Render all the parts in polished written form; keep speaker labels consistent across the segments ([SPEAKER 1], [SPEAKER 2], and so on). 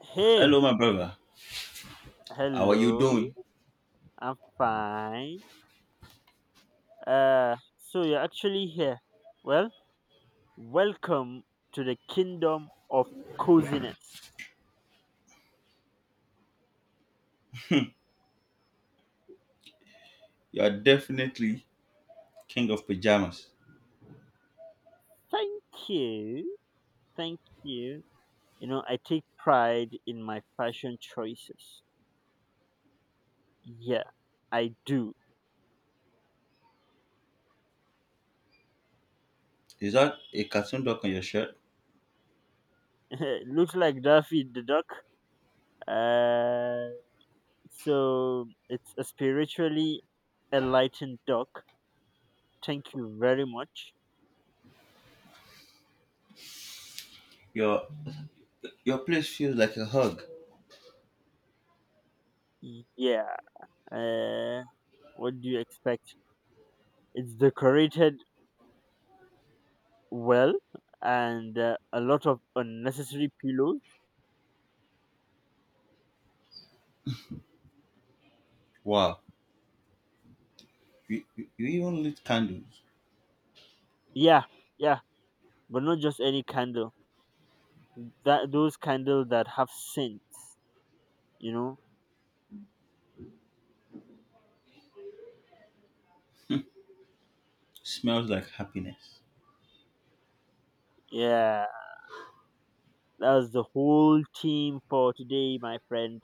[SPEAKER 1] Hey,
[SPEAKER 2] Hello, my brother. How are you
[SPEAKER 1] hello.
[SPEAKER 2] doing?
[SPEAKER 1] I'm fine. So you're actually here. Well, welcome to the kingdom of coziness.
[SPEAKER 2] You are definitely king of pajamas.
[SPEAKER 1] Thank you. Thank you. You know, I take pride in my fashion choices. Yeah, I do.
[SPEAKER 2] Is that a cartoon duck on your shirt?
[SPEAKER 1] Looks like Daffy the Duck. Uh, so it's a spiritually enlightened duck. Thank you very much.
[SPEAKER 2] Your your place feels like a hug.
[SPEAKER 1] Yeah. Uh, What do you expect? It's decorated well and a lot of unnecessary pillows.
[SPEAKER 2] Wow. You even lit candles.
[SPEAKER 1] Yeah, yeah, but not just any candle. That those candles that have scents, you know.
[SPEAKER 2] Smells like happiness.
[SPEAKER 1] Yeah, that's the whole theme for today, my friend.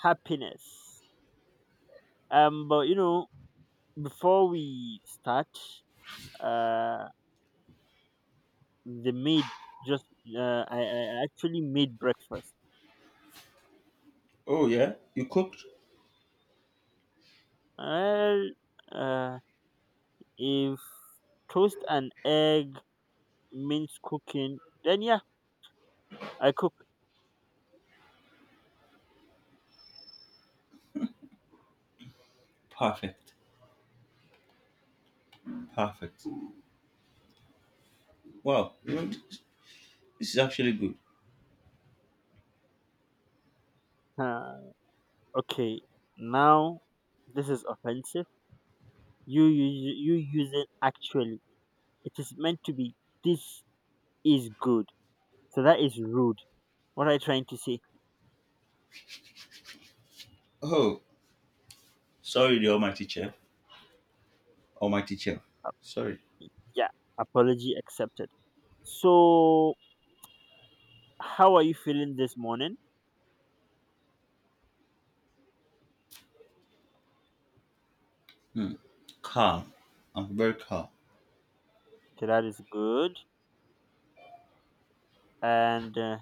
[SPEAKER 1] Happiness. But you know, before we start, uh, the maid just I actually made breakfast.
[SPEAKER 2] Oh yeah? You cooked?
[SPEAKER 1] Well, uh, if toast and egg means cooking then yeah I cook.
[SPEAKER 2] Perfect. Perfect. Wow. You know, this is actually good.
[SPEAKER 1] uh, okay, now this is offensive. You use it actually. It is meant to be this is good, so that is rude. What are you trying to say?
[SPEAKER 2] Oh, sorry, the almighty chef. Almighty chef. Sorry.
[SPEAKER 1] Yeah, apology accepted. So how are you feeling this morning?
[SPEAKER 2] Hmm. Calm. I'm very calm.
[SPEAKER 1] So that is good. And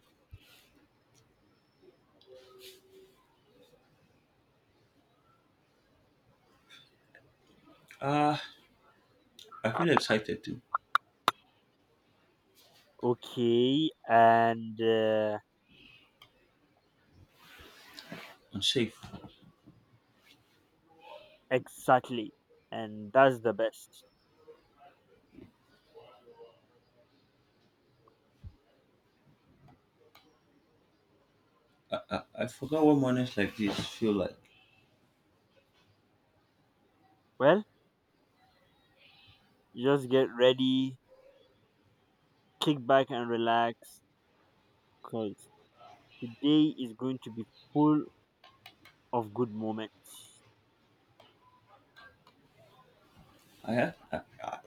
[SPEAKER 2] Ah, I feel excited too.
[SPEAKER 1] okay and
[SPEAKER 2] I'm safe.
[SPEAKER 1] exactly, and that's the best.
[SPEAKER 2] I forgot what mornings like this feel like.
[SPEAKER 1] Well, just get ready, kick back and relax, because today is going to be full of good moments.
[SPEAKER 2] I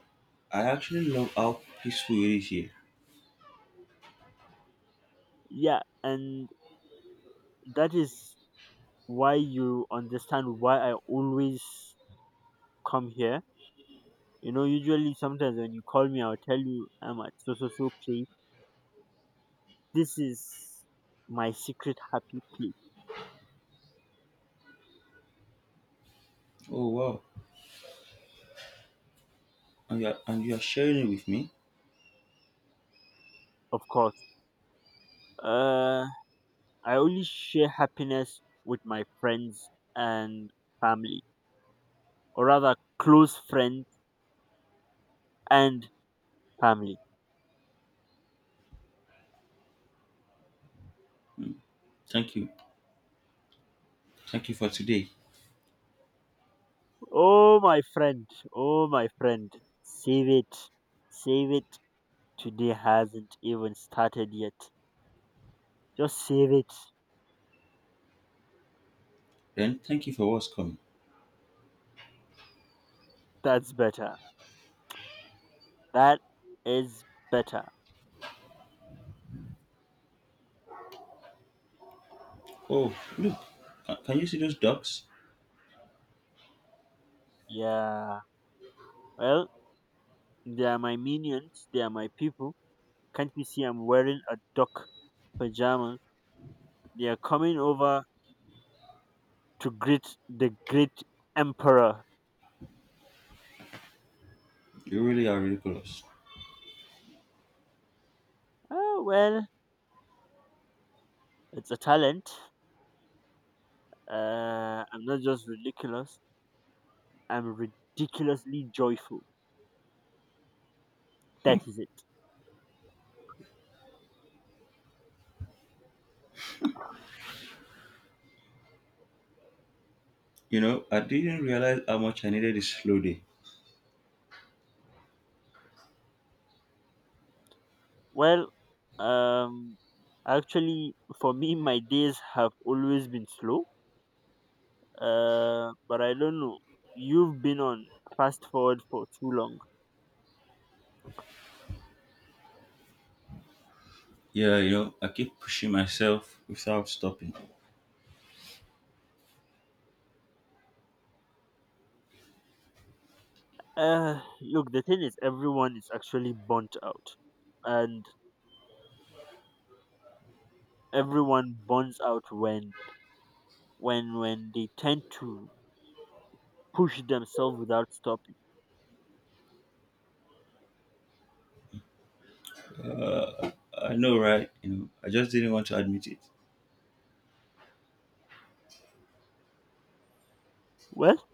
[SPEAKER 2] I actually love how peaceful it is here.
[SPEAKER 1] Yeah, and that is why you understand why I always come here. You know, usually sometimes when you call me, I'll tell you I'm at so so so place. This is my secret happy place,
[SPEAKER 2] Oh wow! And you are sharing it with me.
[SPEAKER 1] of course. Uh, I only share happiness with my friends and family, or rather, close friends and Family.
[SPEAKER 2] Thank you, thank you for today.
[SPEAKER 1] Oh, my friend. Oh, my friend. Save it. Save it. Today hasn't even started yet. Just save it.
[SPEAKER 2] Then thank you for what's coming.
[SPEAKER 1] That's better. That is better.
[SPEAKER 2] Oh look, can you see those ducks?
[SPEAKER 1] Yeah. Well, they are my minions. They are my people. Can't you see I'm wearing a duck pajamas? They are coming over to greet the great emperor.
[SPEAKER 2] They really are ridiculous.
[SPEAKER 1] Oh, well, it's a talent. I'm not just ridiculous. I'm ridiculously joyful. That is it.
[SPEAKER 2] You know, I didn't realize how much I needed a slow day.
[SPEAKER 1] Well, um, actually, for me, my days have always been slow. But I don't know. You've been on fast forward for too long.
[SPEAKER 2] Yeah, you know, I keep pushing myself without stopping.
[SPEAKER 1] Look, the thing is, everyone is actually burnt out, and everyone burns out when when they tend to push themselves without stopping.
[SPEAKER 2] I know, right? You know, I just didn't want to admit it.
[SPEAKER 1] Well,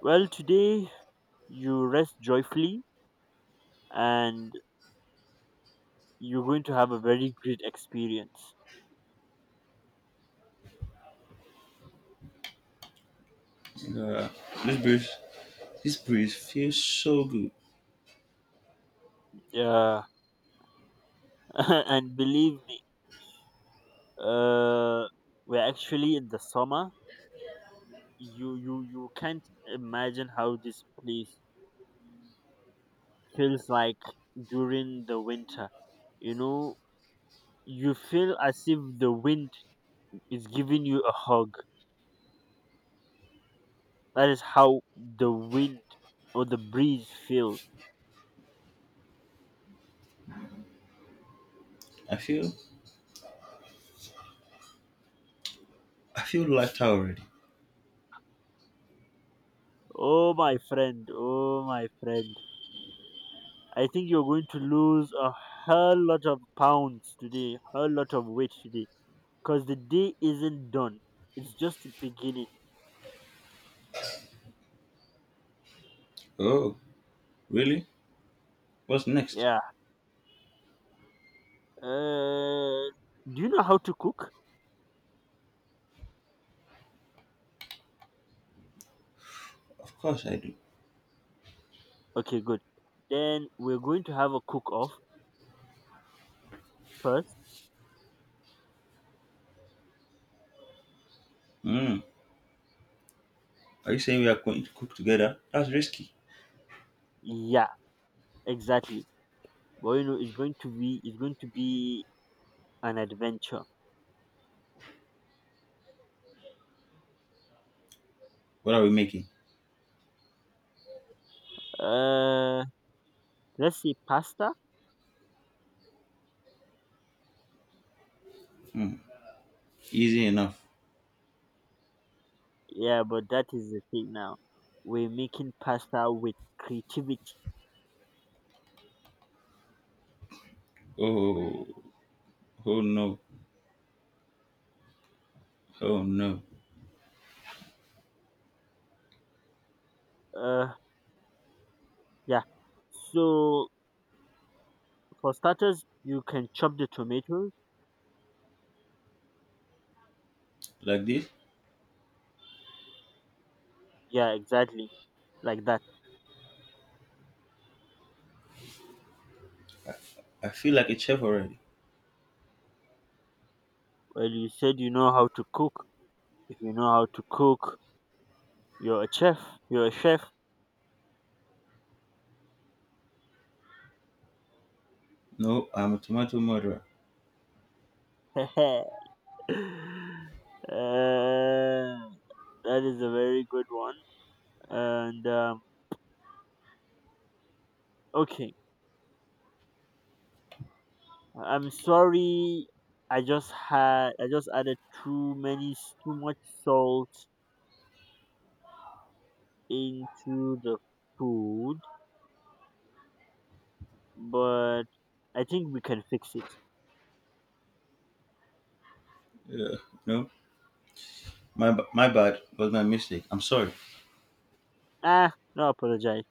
[SPEAKER 1] well, today you rest joyfully and you're going to have a very great experience.
[SPEAKER 2] You know, this breeze, this breeze feels so good.
[SPEAKER 1] Yeah, and believe me, uh, we're actually in the summer. You can't imagine how this place feels like during the winter. You know, you feel as if the wind is giving you a hug. That is how the wind or the breeze feel.
[SPEAKER 2] I feel I feel lighter already.
[SPEAKER 1] Oh my friend, oh my friend. I think you're going to lose a hell lot of pounds today, hell lot of weight today, because the day isn't done. It's just beginning.
[SPEAKER 2] Oh, really? What's next?
[SPEAKER 1] Yeah. Uh, do you know how to cook?
[SPEAKER 2] Of course I do.
[SPEAKER 1] Okay, good. Then we're going to have a cook off first.
[SPEAKER 2] Mm. Are you saying we are going to cook together? That's risky.
[SPEAKER 1] Yeah, exactly. But you know, it's going to be an adventure.
[SPEAKER 2] What are we making?
[SPEAKER 1] Uh, let's say pasta.
[SPEAKER 2] Easy enough.
[SPEAKER 1] Yeah, but that is the thing now. We're making pasta with creativity.
[SPEAKER 2] Oh, oh no, oh no.
[SPEAKER 1] Uh, Yeah. So for starters, you can chop the tomatoes.
[SPEAKER 2] Like this?
[SPEAKER 1] Yeah, exactly. Like that.
[SPEAKER 2] I feel like a chef already.
[SPEAKER 1] Well, you said you know how to cook. If you know how to cook, you're a chef. You're a chef.
[SPEAKER 2] No, I'm a tomato murderer.
[SPEAKER 1] Uh, that is a very good one. And okay, I'm sorry. I just added too many too much salt into the food, but I think we can fix it.
[SPEAKER 2] Yeah. No, my bad. Was my mistake. I'm sorry.
[SPEAKER 1] Ah, no apologize.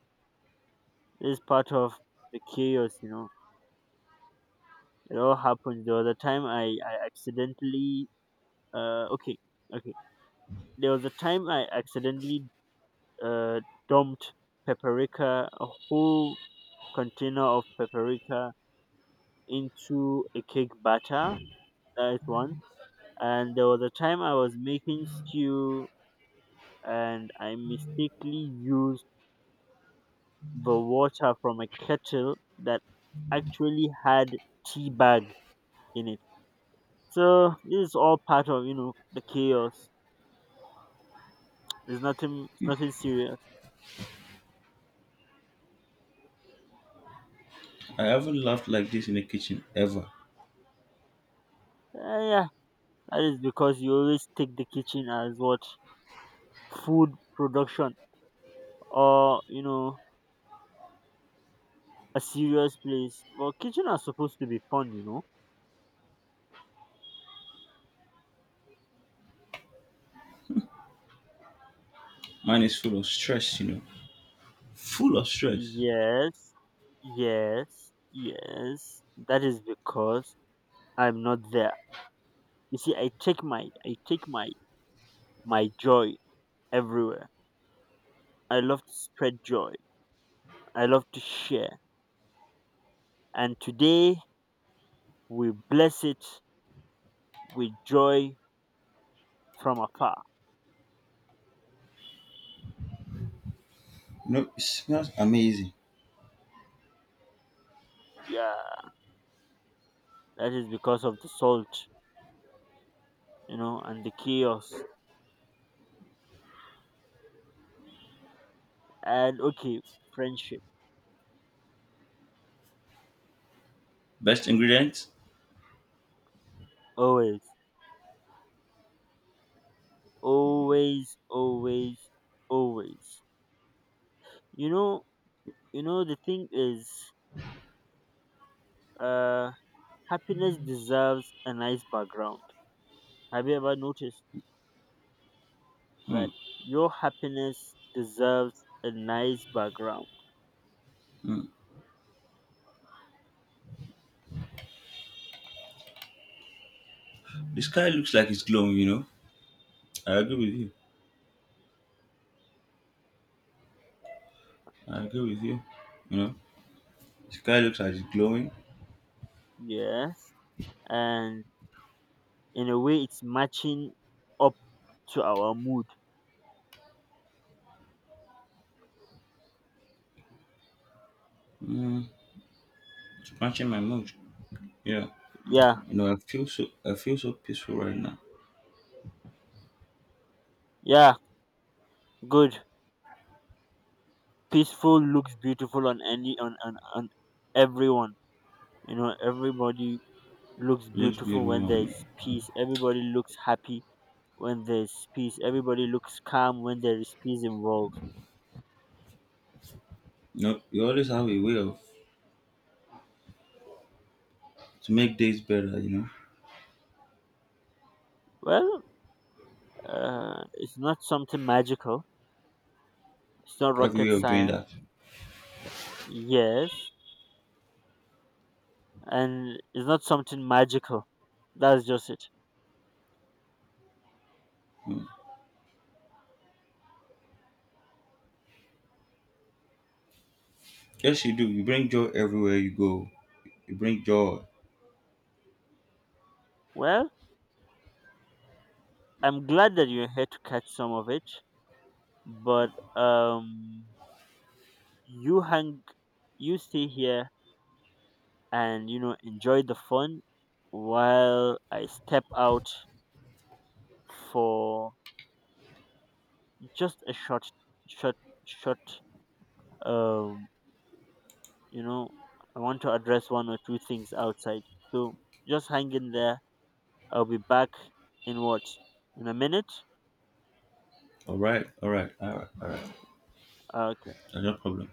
[SPEAKER 1] It's part of the chaos, you know. It all happened. There was a time I accidentally okay, okay. There was a time I accidentally uh dumped paprika, a whole container of paprika into a cake batter. That is one. And there was a time I was making stew and I mistakenly used the water from a kettle that actually had tea bag in it. So this is all part of, you know, the chaos. It's nothing serious.
[SPEAKER 2] I haven't laughed like this in the kitchen ever.
[SPEAKER 1] Yeah, that is because you always take the kitchen as what, food production, or you know, a serious place. Well, kitchen are supposed to be fun, you know.
[SPEAKER 2] Mine is full of stress, you know. Full of stress.
[SPEAKER 1] Yes, yes, yes. That is because I'm not there. You see, I take my my joy everywhere. I love to spread joy. I love to share. And today we bless it with joy from afar.
[SPEAKER 2] No, it smells amazing.
[SPEAKER 1] Yeah, that is because of the salt, you know, and the chaos. And okay, friendship.
[SPEAKER 2] Best ingredients?
[SPEAKER 1] Always, always, always, always. You know, you know, the thing is, uh, happiness deserves a nice background. Have you ever noticed
[SPEAKER 2] Hmm.
[SPEAKER 1] that your happiness deserves a nice background?
[SPEAKER 2] Mm. The sky looks like it's glowing, you know. I agree with you. I agree with you. You know, the sky looks like it's glowing.
[SPEAKER 1] Yes. And in a way it's matching up to our mood.
[SPEAKER 2] Mm, it's matching my mood. Yeah.
[SPEAKER 1] Yeah,
[SPEAKER 2] You know, I feel so peaceful right now.
[SPEAKER 1] yeah, good. Peaceful looks beautiful on any on everyone. You know, everybody looks
[SPEAKER 2] It looks
[SPEAKER 1] beautiful when
[SPEAKER 2] beautiful on me.
[SPEAKER 1] there's peace. Everybody looks happy when there's peace. Everybody looks calm when there is peace involved.
[SPEAKER 2] You know, you always have a way of to make days better, you know.
[SPEAKER 1] Well, it's not something magical. It's not
[SPEAKER 2] You have a way
[SPEAKER 1] rocket
[SPEAKER 2] of doing
[SPEAKER 1] science.
[SPEAKER 2] that.
[SPEAKER 1] Yes, and it's not something magical. That's just it.
[SPEAKER 2] Yes you do. You bring joy everywhere you go. You bring joy.
[SPEAKER 1] Well, I'm glad that you're here to catch some of it, but um, you hang, you stay here and you know enjoy the fun while I step out for just a short, short, short. Um, you know, I want to address one or two things outside. So just hang in there. I'll be back in what in a minute.
[SPEAKER 2] Alright, alright, alright, alright.
[SPEAKER 1] Okay.
[SPEAKER 2] No problem.